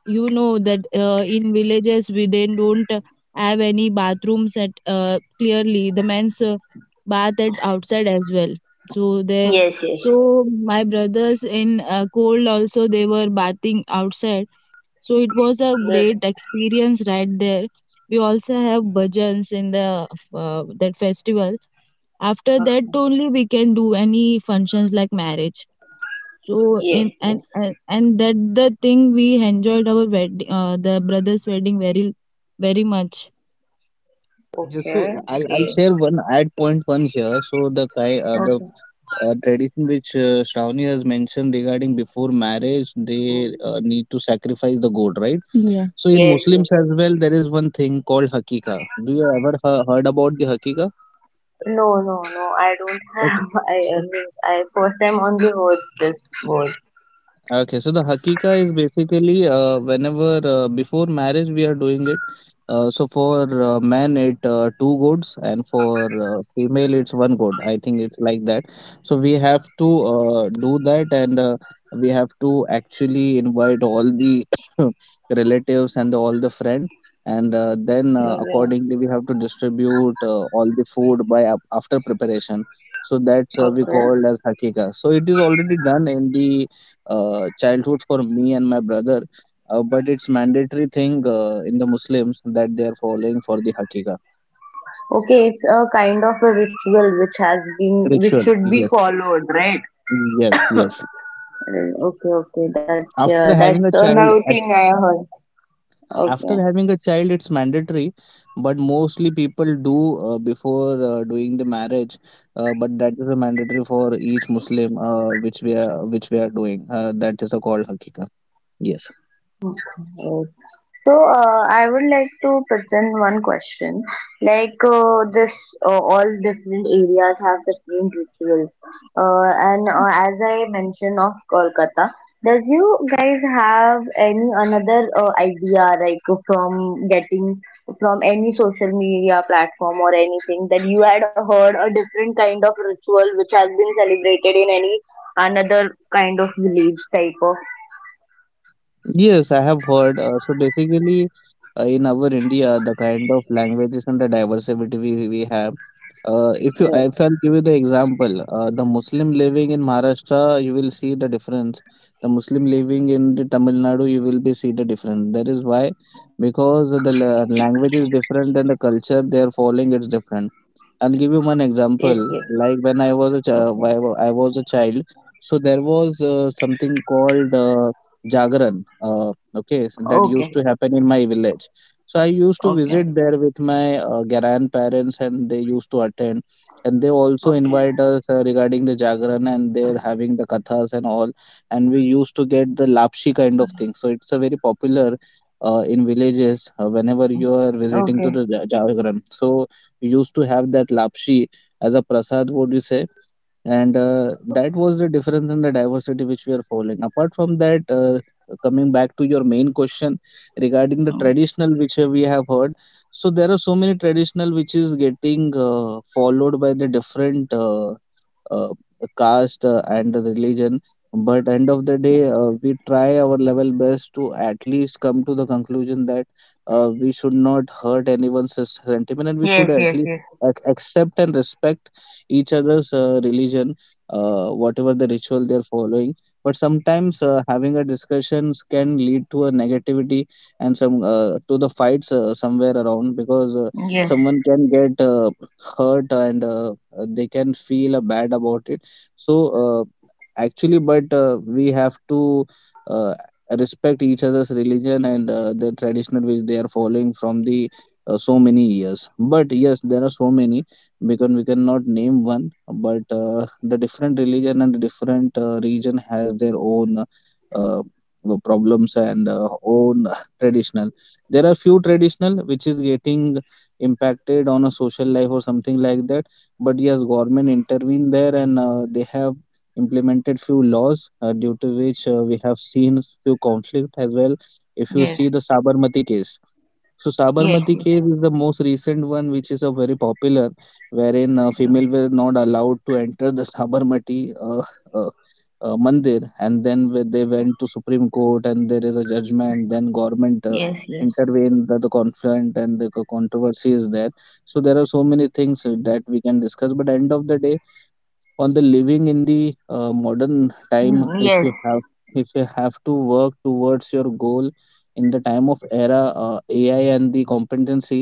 you know that in villages, we they don't have any bathrooms at, clearly the men's bath at outside as well, so they,
Yes, yes,
so my brothers in cold also, they were bathing outside. So it was a
yes.
great experience right there. We also have bhajans in the that festival. After that
Okay.
only we can do any functions like marriage. So
Yes,
in and
yes.
and, and that the thing, we enjoyed our wedding, the brother's wedding, very very much. Yeah, so
Okay.
I'll
Yes.
share one add point one here. So the ki- uh, the
Okay.
uh, tradition which Shravani has mentioned regarding before marriage, they need to sacrifice the goat, right? Yeah. So in
Yes,
Muslims
yes.
as well, there is one thing called hakika. Do you ever heard about the hakika?
No, no, no. I don't have. *laughs* I mean, I first time only heard this word.
Okay, so the hakika is basically whenever, before marriage, we are doing it. So for men, it two goats, and for female, it's one goat. I think it's like that. So we have to do that, and we have to actually invite all the *coughs* relatives and all the friend, and then,
Yeah.
accordingly we have to distribute all the food by after preparation. So that's we
Okay.
called as hakika. So it is already done in the childhood for me and my brother, but it's mandatory thing in the Muslims that they are following for the hakika
Okay, it's a kind of a ritual which has been, which
ritual.
should be
Yes,
followed, right?
yes, yes.
Okay, okay. That's yeah.
After having
That's
a child,
another thing
act-
I heard.
After having a child, it's mandatory, but mostly people do before doing the marriage. But that is a mandatory for each Muslim, which we are doing. That is a called hakika. Yes.
Okay. So, I would like to present one question. Like all different areas have different rituals. And as I mentioned of Kolkata, does you guys have any another idea like from getting from any social media platform or anything that you had heard a different kind of ritual which has been celebrated in any another kind of village type of?
Yes, I have heard. So basically, in our India, the kind of languages and the diversity we have.
Yes,
If I'll give you the example, the Muslim living in Maharashtra, you will see the difference. The Muslim living in the Tamil Nadu, you will be see the difference. That is why, because the language is different and the culture they are following is different. I'll give you one
yes, yes.
example. Like when I was a
Okay.
child, I was a child, so there was something called Jagran. Okay, so that used
Okay.
to happen in my village. So I used to
Okay.
visit there with my grandparents, and they used to attend, and they also
Okay.
invite us regarding the Jagran, and they're having the kathas and all, and we used to get the lapshi kind of thing. So it's a very popular in villages whenever you are visiting to
Okay.
the Jagran. So we used to have that lapshi as a prasad, would you say? And that was the difference in the diversity which we are following apart from that, coming back to your main question regarding the traditional which we have heard. So there are so many traditional which is getting followed by the different uh, caste and the religion, but end of the day, we try our level best to at least come to the conclusion that we should not hurt anyone's sentiment, and we should
Yes,
at
yes,
least
yes.
accept and respect each other's religion, whatever the ritual they're following. But sometimes, having a discussions can lead to a negativity and some, to the fights somewhere around, because
Yes,
someone can get hurt, and they can feel bad about it. So actually, but we have to. Uh, Respect each other's religion, and the traditional which they are following from the so many years. But yes, there are so many, because we cannot name one, but the different religion and different region has their own uh, uh, problems and own *laughs* traditional. There are few traditional which is getting impacted on a social life or something like that. But yes, government intervened there, and they have implemented few laws due to which we have seen few conflict as well. If you
yes,
see the sabarmati case, so
yes,
Sabarmati
yes,
case is the most recent one, which is a very popular, wherein
yeah,
female were not allowed to enter the *laughs* Sabarmati uh, mandir, and then when they went to Supreme Court, and there is a judgment. Then government
yes, yes.
intervened the conflict, and the controversy is there. So there are so many things that we can discuss. But end of the day, on the living in the modern time,
Mm, yes,
if you have to work towards your goal in the time of era, ai and the competency,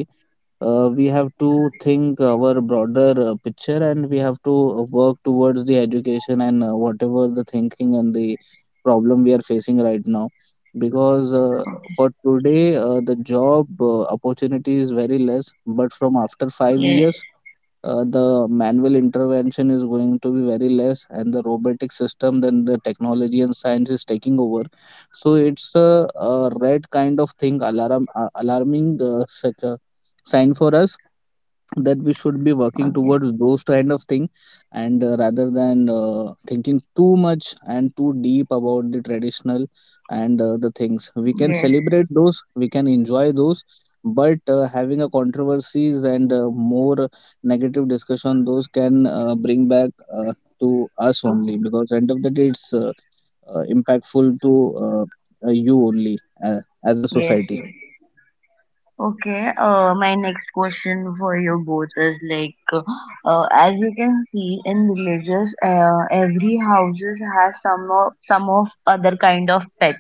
we have to think our broader picture, and we have to work towards the education, and whatever the thinking and the problem we are facing right now, because for today, the job opportunity is very less, but from after 5
yes.
years the manual intervention is going to be very less, and the robotic system, then the technology and science is taking over. So it's a red kind of thing, alarm, alarming sign for us that we should be working
Okay.
towards those kind of thing, and rather than thinking too much and too deep about the traditional, and the things we can
Yes,
celebrate, those we can enjoy those. But having a controversies and more negative discussion, those can bring back to us only, because end of the day it's impactful to you only as a
yes,
society.
yes. Okay. My next question for you both is like, as you can see in villages, every houses has some of other kind of pet.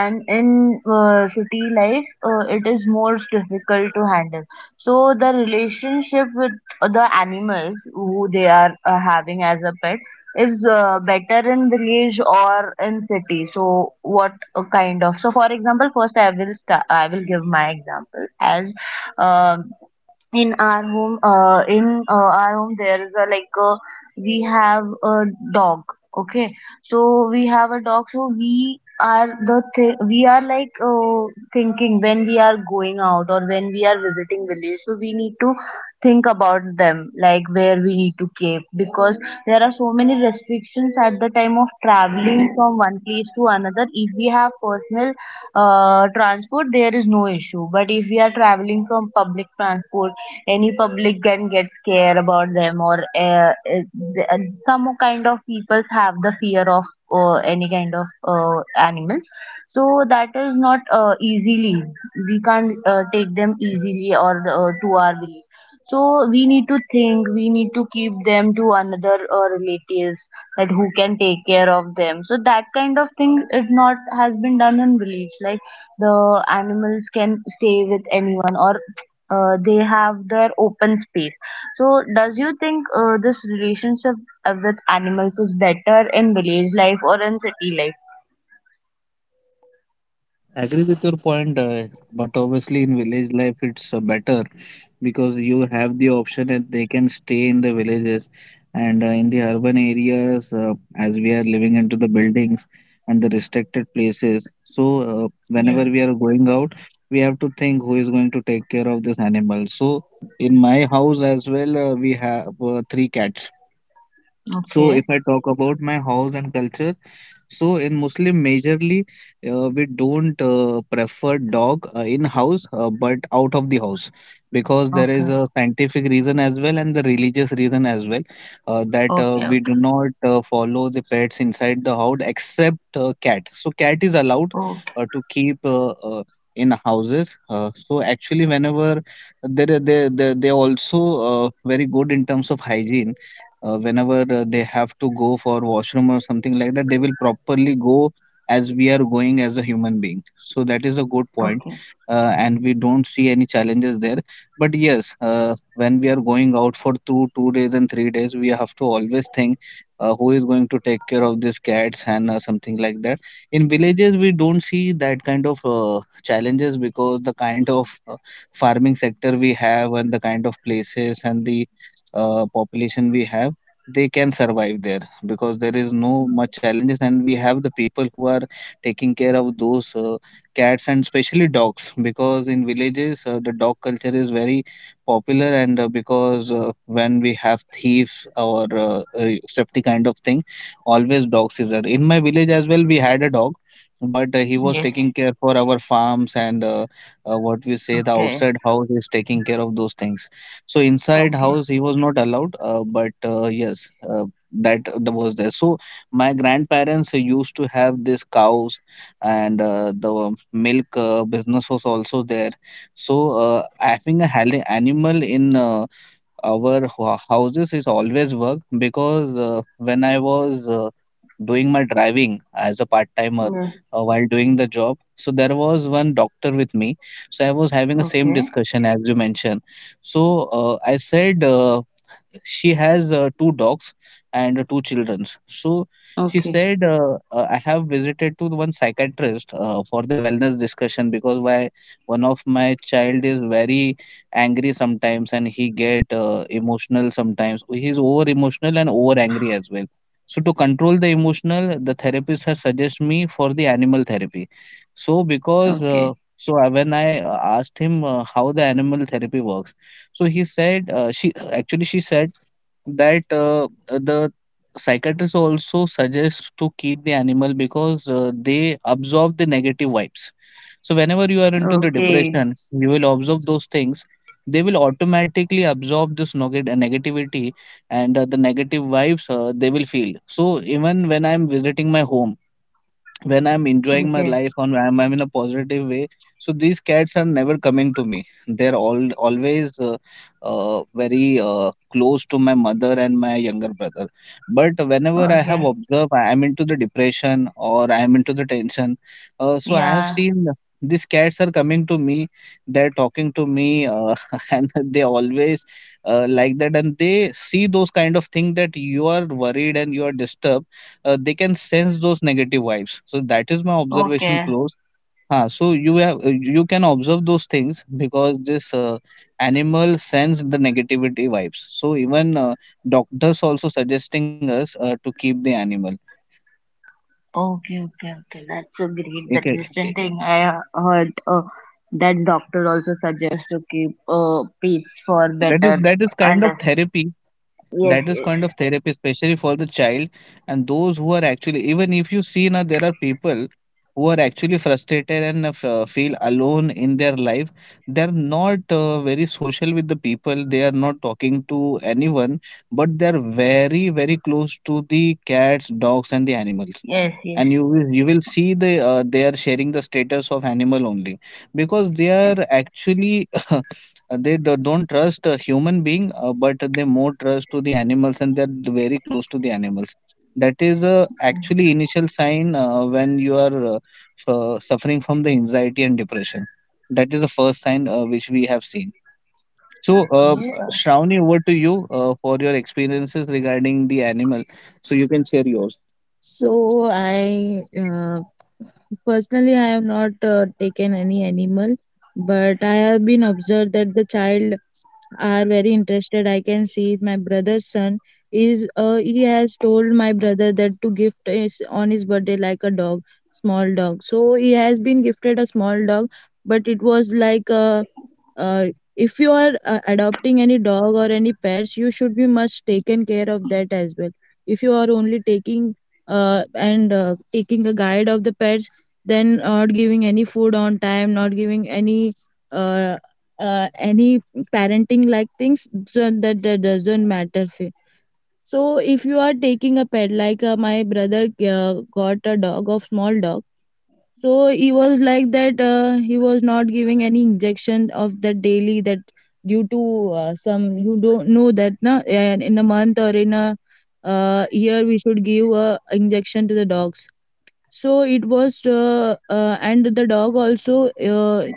And in city life it is most difficult to handle, so the relationship with the animals who they are having as a pet is better in village or in city. So what kind of. So for example, first I will give my example as, um in our home, in our home there is a, like, we have a dog. Okay, so we have a dog, so we are like thinking when we are going out or when we are visiting village, so we need to think about them, like where we need to keep, because there are so many restrictions at the time of traveling from one place to another. If we have personal transport there is no issue, but if we are traveling from public transport, any public can get scared about them, or th- uh, some kind of people have the fear of any kind of animals. So that is not easily we can't take them easily, or to our village. So we need to think we need to keep them to another relatives that who can take care of them, so that kind of thing is not has been done in village, like the animals can stay with anyone or they have their open space. So, does you think this relationship with animals is better in village life or in city life?
I agree with your point, but obviously in village life it's better, because you have the option that they can stay in the villages. And in the urban areas, as we are living into the buildings and the restricted places. So whenever
Yes.
we are going out, we have to think who is going to take care of this animal. So in my house as well, we have three cats. So
Okay.
if I talk about my house and culture. So in Muslim, majorly we don't prefer dog in house, but out of the house, because there
Okay.
is a scientific reason as well and the religious reason as well, that
Okay.
we do not follow the pets inside the house except cat. So cat is allowed
Okay.
to keep in houses. So actually, whenever they are also very good in terms of hygiene, whenever they have to go for washroom or something like that, they will properly go as we are going as a human being, so that is a good
Okay.
point.
Okay.
Uh, and we don't see any challenges there, but yes, when we are going out for two days and 3 days, we have to always think who is going to take care of these cats and something like that. In villages we don't see that kind of challenges, because the kind of farming sector we have, and the kind of places, and the population we have, they can survive there, because there is no much challenges, and we have the people who are taking care of those cats and especially dogs, because in villages the dog culture is very popular. And because when we have thieves or safety kind of thing, always dogs is there. In my village as well, we had a dog, but he was
Yes.
taking care for our farms, and what we say, the
Okay.
outside house is taking care of those things. So inside
Okay.
house he was not allowed, but yes, that was there. So my grandparents used to have these cows, and the milk business was also there. So having a animal in our houses is always work, because when I was doing my driving as a part timer
Yes.
while doing the job, so there was one doctor with me. So I was having a same
Okay.
discussion as you mentioned. So I said she has two dogs and two children. So she
Okay. Okay.
said, I have visited to the one psychiatrist for the wellness discussion, because why one of my child is very angry sometimes, and he get emotional sometimes. He's over emotional and over angry as well. So to control the emotional, the therapist has suggested me for the animal therapy. So because when I asked him how the animal therapy works, so he said she said that the psychiatrist also suggests to keep the animal, because they absorb the negative vibes. So whenever you are into the
Okay.
depression, you will observe those things. They will automatically absorb this negativity and the negative vibes they will feel. So even when I'm visiting my home, when I'm enjoying my
Okay.
life on I'm in a positive way. So these cats are never coming to me. They're all always very close to my mother and my younger brother. But whenever I have
Okay.
observed I'm into the depression or I'm into the tension, so I have
Yeah.
seen these cats are coming to me. They're talking to me, *laughs* and they always like that. And they see those kind of things that you are worried and you are disturbed, they can sense those negative vibes, so that is my observation
Okay.
close. Huh, so you have, you can observe those things, because this animal sense the negativity vibes, so even doctors also suggesting us to keep the animal.
Okay, okay, okay. That's so great. That
Okay,
distant thing I heard, that doctor also suggests to keep pets for
that is,
better
that is kind of
under.
therapy.
Yes,
That is kind of therapy, especially for the child, and those who are actually, even if you see now, there are people who are actually frustrated and feel alone in their life. They're not very social with the people, they are not talking to anyone, but they're very very close to the cats, dogs and the animals.
yes, yes, yes,
And you will, you will see they, they are sharing the status of animal only, because they are actually *laughs* they don't trust a human being, but they more trust to the animals, and they're very close to the animals. That is actually initial sign, when you are suffering from the anxiety and depression, that is the first sign which we have seen.
yes.
So,
Okay.
Shravani, over to you for your experiences regarding the animal. So you can share yours. So I Personally I have not taken any animal, but I have been observed that the child are very interested. I can see my brother's son is he has told my brother that to gift is on his birthday like a dog, small dog, so he has been gifted a small dog. But it was like uh, if you are adopting any dog or any pets you should be much taken care of that as well. If you are only taking and taking a guide of the pets, then not giving any food on time, not giving uh, any parenting like things that doesn't matter so if you are taking a pet, like my brother got a dog of small dog, so he was like that he was not giving any injection of that daily, that due to some you don't know that na, and in a month or in a year we should give a injection to the dogs. So it was and the dog also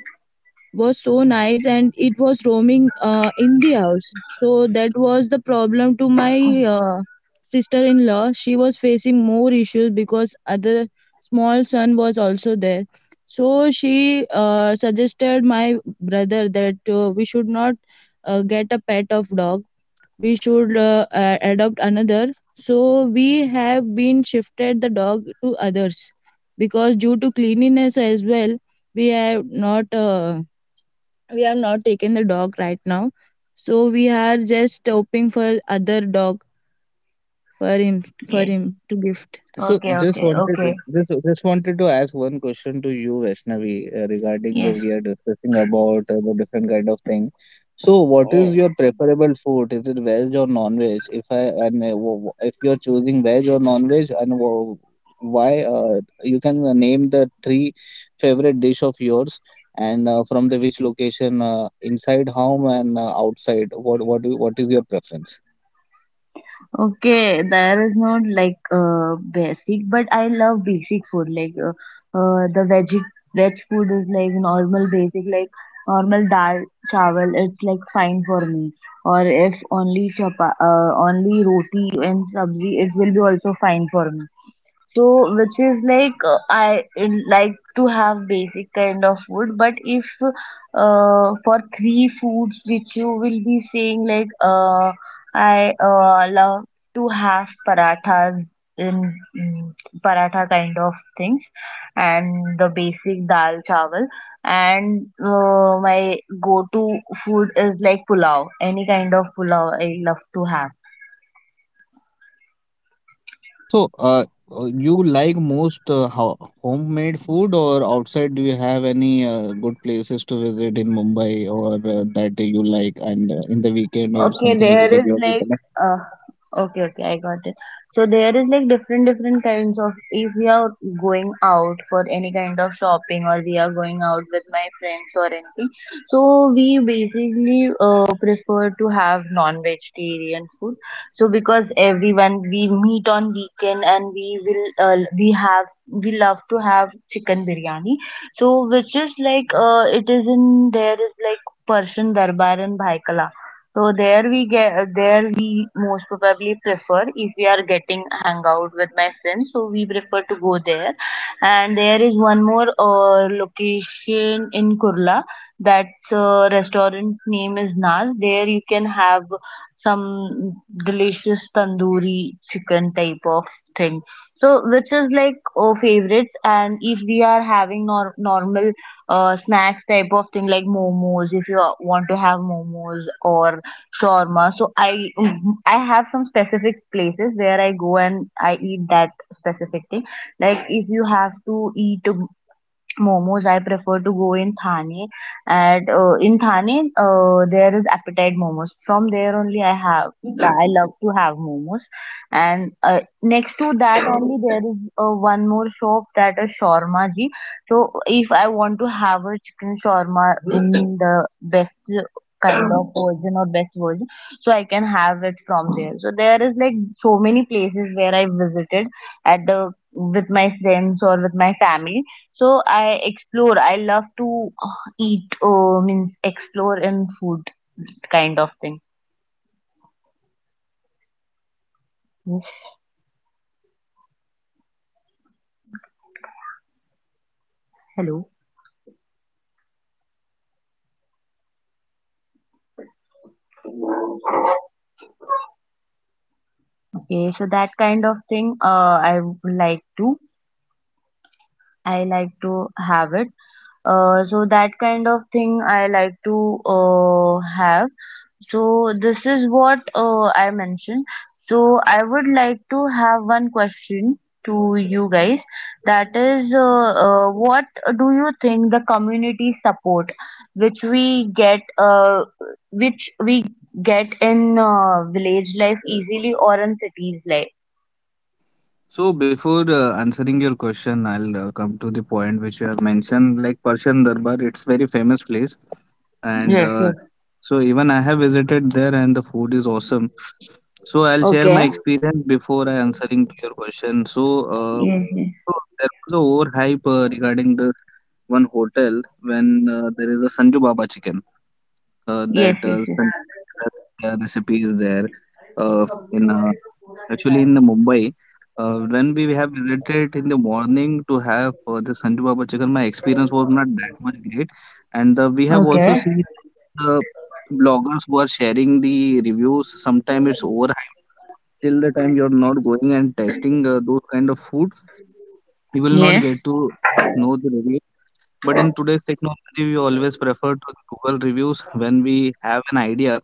was so nice, and it was roaming in the house. So that was the problem to my sister-in-law. She was facing more issues because other small son was also there. So she suggested my brother that we should not get a pet of dog. We should adopt another. So we have been shifted the dog to others because due to cleanliness as well, we have not. We have not taken the dog right now, so we are just hoping for other dog for him for
Yes.
him to gift. So
Okay,
just
okay,
wanted,
okay.
just wanted to ask one question to you, Vaishnavi, regarding the
Yes.
we are discussing about the different kind of thing. So what is
Yes.
your preferable food? Is it veg or non-veg? If I and if you're choosing veg or non-veg, and why you can name the three favorite dish of yours, and from the which location inside home and outside. What is your preference?
Okay, there is not like basic, but I love basic food. Like the veg food is like normal basic, like normal dal chawal. It's like fine for me. Or if only chapa, only roti and sabzi, it will be also fine for me, so which is like like to have basic kind of food. But if for three foods which you will be saying, like, I love to have parathas in, mm, paratha kind of things, and the basic dal chawal, and my go to food is like pulao, any kind of pulao I love to have.
So, you like most ho homemade food or outside? Do you have any good places to visit in Mumbai, or that you like, and in the weekend or
Okay,
something like
there
that?
is
You're.
like uh okay, okay, I got it. So there is like different different kinds of, if we are going out for any kind of shopping or we are going out with my friends or anything. So we basically prefer to have non-vegetarian food. So because everyone we meet on weekend and we love to have chicken biryani. So which is like, it is in there is like Persian Darbar and Bhai Kala. So there we get there we most probably prefer if we are getting hangout with my friends. So we prefer to go there. And there is one more location in Kurla. That's restaurant's name is Naz. There you can have some delicious tandoori chicken type of thing. So which is like our favorites. And if we are having nor normal snacks type of thing like momos, if you want to have momos or shawarma. So I have some specific places where I go and I eat that specific thing. Like if you have to eat Momos, I prefer to go in Thane. And in Thane, there is appetite momos. From there only, I have. I love to have momos. And next to that only, there is one more shop that is shawarma ji. So if I want to have a chicken shawarma in the best kind of version or best version, so I can have it from there. So there is like so many places where I visited at the with my friends or with my family, so I explore. I love to eat, means explore in food kind of thing. Yes, hello. Okay, so that kind of thing, I would like to. I like to have it. So that kind of thing I like to have. So this is what I mentioned. So I would like to have one question to you guys. That is, what do you think, the community support which we get, uh, which we get in village life easily or in cities life?
So before answering your question, I'll come to the point which you have mentioned, like Persian Darbar. It's very famous place, and
Yes,
uh,
yes.
so even I have visited there, and the food is awesome. So I'll share
Okay.
my experience before I answering to your question. So, uh,
Yes, yes,
so there was a overhype regarding this one hotel, when there is a Sanju Baba chicken. That
yes, yes,
uh,
yes.
Sanjay Sanjay Dutt's recipe is there in a. Actually, in the Mumbai, when we have visited in the morning to have the Sanju Baba chicken, my experience was not that much great. And we have also
Okay.
seen the bloggers who are sharing the reviews. Sometimes it's overhyped. Till the time you're not going and testing those kind of food, you will not
Yes,
get to know the reviews. But in today's technology, we always prefer to the Google reviews, when we have an idea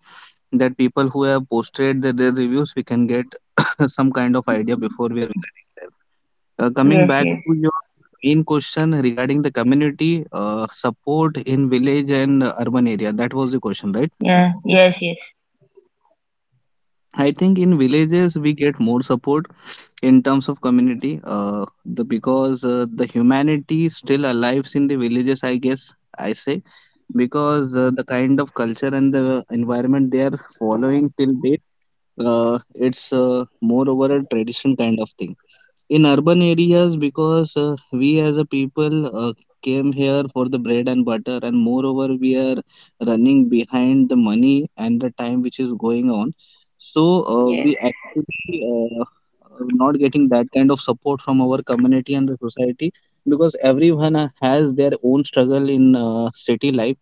that people who have posted their reviews, we can get *coughs* some kind of idea before we are visiting there. Coming
yes,
back
yes,
to your main question regarding the community support in village and urban area, that was the question, right?
yeah, yes, yes.
I think in villages we get more support in terms of community, the because the humanity still alives in the villages, I guess I say, because the kind of culture and the environment they are following till date, it's more over a tradition kind of thing. In urban areas, because we as a people came here for the bread and butter, and moreover we are running behind the money and the time which is going on. So
Yes.
we actually not getting that kind of support from our community and the society, because everyone has their own struggle in city life.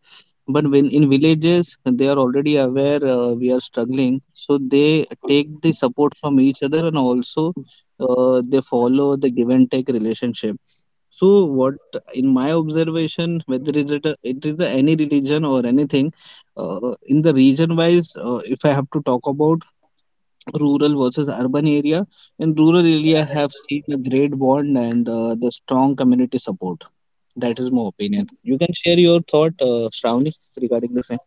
But when in villages, they are already aware we are struggling, so they take the support from each other, and also they follow the give and take relationship. So what, in my observation, whether is it, a, it is a, any religion or anything, in the region wise, if I have to talk about rural versus urban area, in rural area I have seen the great bond and the strong community support. That is my opinion. You can share your thought, Shravani, regarding the same.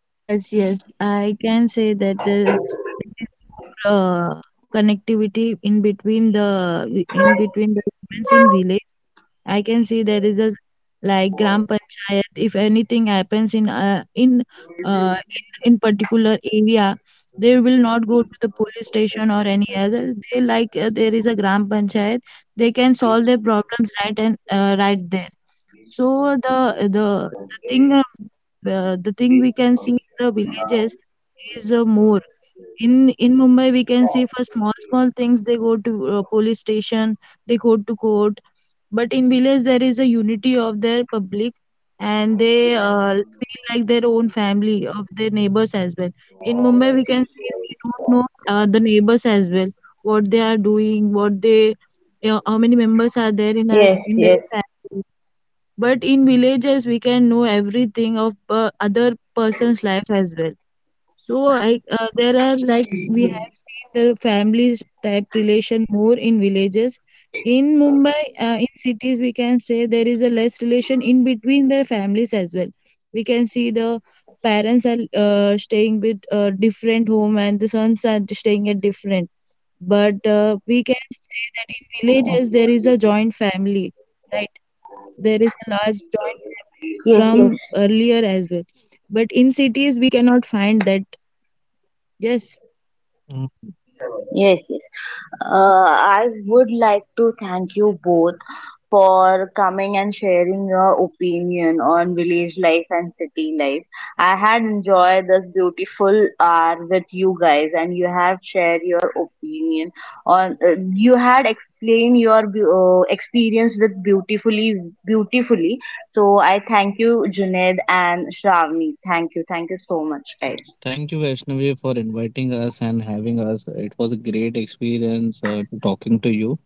Yes, yes, I can say that there is more connectivity in between the humans in village. I can see there is a like gram panchayat. If anything happens in particular area, they will not go to the police station or any other. They like there is a gram panchayat. They can solve their problems right and right there. So the thing we can see in the villages is more. In Mumbai, we can see for small small things they go to police station, they go to court. But in village there is a unity of their public, and they feel like their own family of their neighbors as well. In Mumbai, we can see we don't know the neighbors as well, what they are doing, what they, you know, how many members are there in our, in their
Yes, yes,
family. But in villages we can know everything of per- other person's life as well. So I there are like we have seen the family type relation more in villages. In mumbai, in cities we can say there is a less relation in between the families as well. We can see the parents are staying with different home, and the sons are staying at different. But we can say that in villages there is a joint family, right? There is a large joint
yes,
families
yes.
from earlier as well, but in cities we cannot find that. Yes.
Yes, yes. I would like to thank you both for coming and sharing your opinion on village life and city life. I had enjoyed this beautiful hour with you guys, and you have shared your opinion on. You had explained your experience with beautifully, beautifully. So I thank you, Junaid and Shravani. Thank you so much, guys.
Thank you, Vaishnavi, for inviting us and having us. It was a great experience talking to you,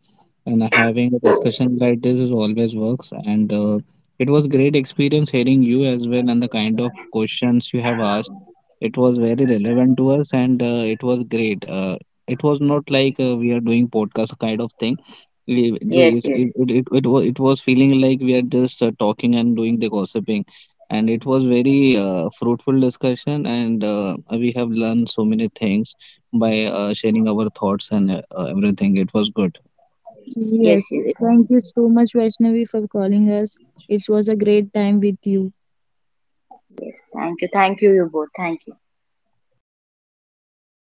and having a discussion like this is always works. And it was great experience hearing you as well, and the kind of questions you have asked. It was very relevant to us, and it was great. It was not like we are doing podcast kind of thing. It, it, it, it,
Yes,
it, was,
yes,
it was feeling like we are just talking and doing the gossiping. And it was very fruitful discussion, and we have learned so many things by sharing our thoughts and everything. It was good. Yes, thank you
yes,
so
yes.
much, Vaishnavi, for calling us. It was a great time with you.
Yes, thank you. Thank you, you both. Thank you.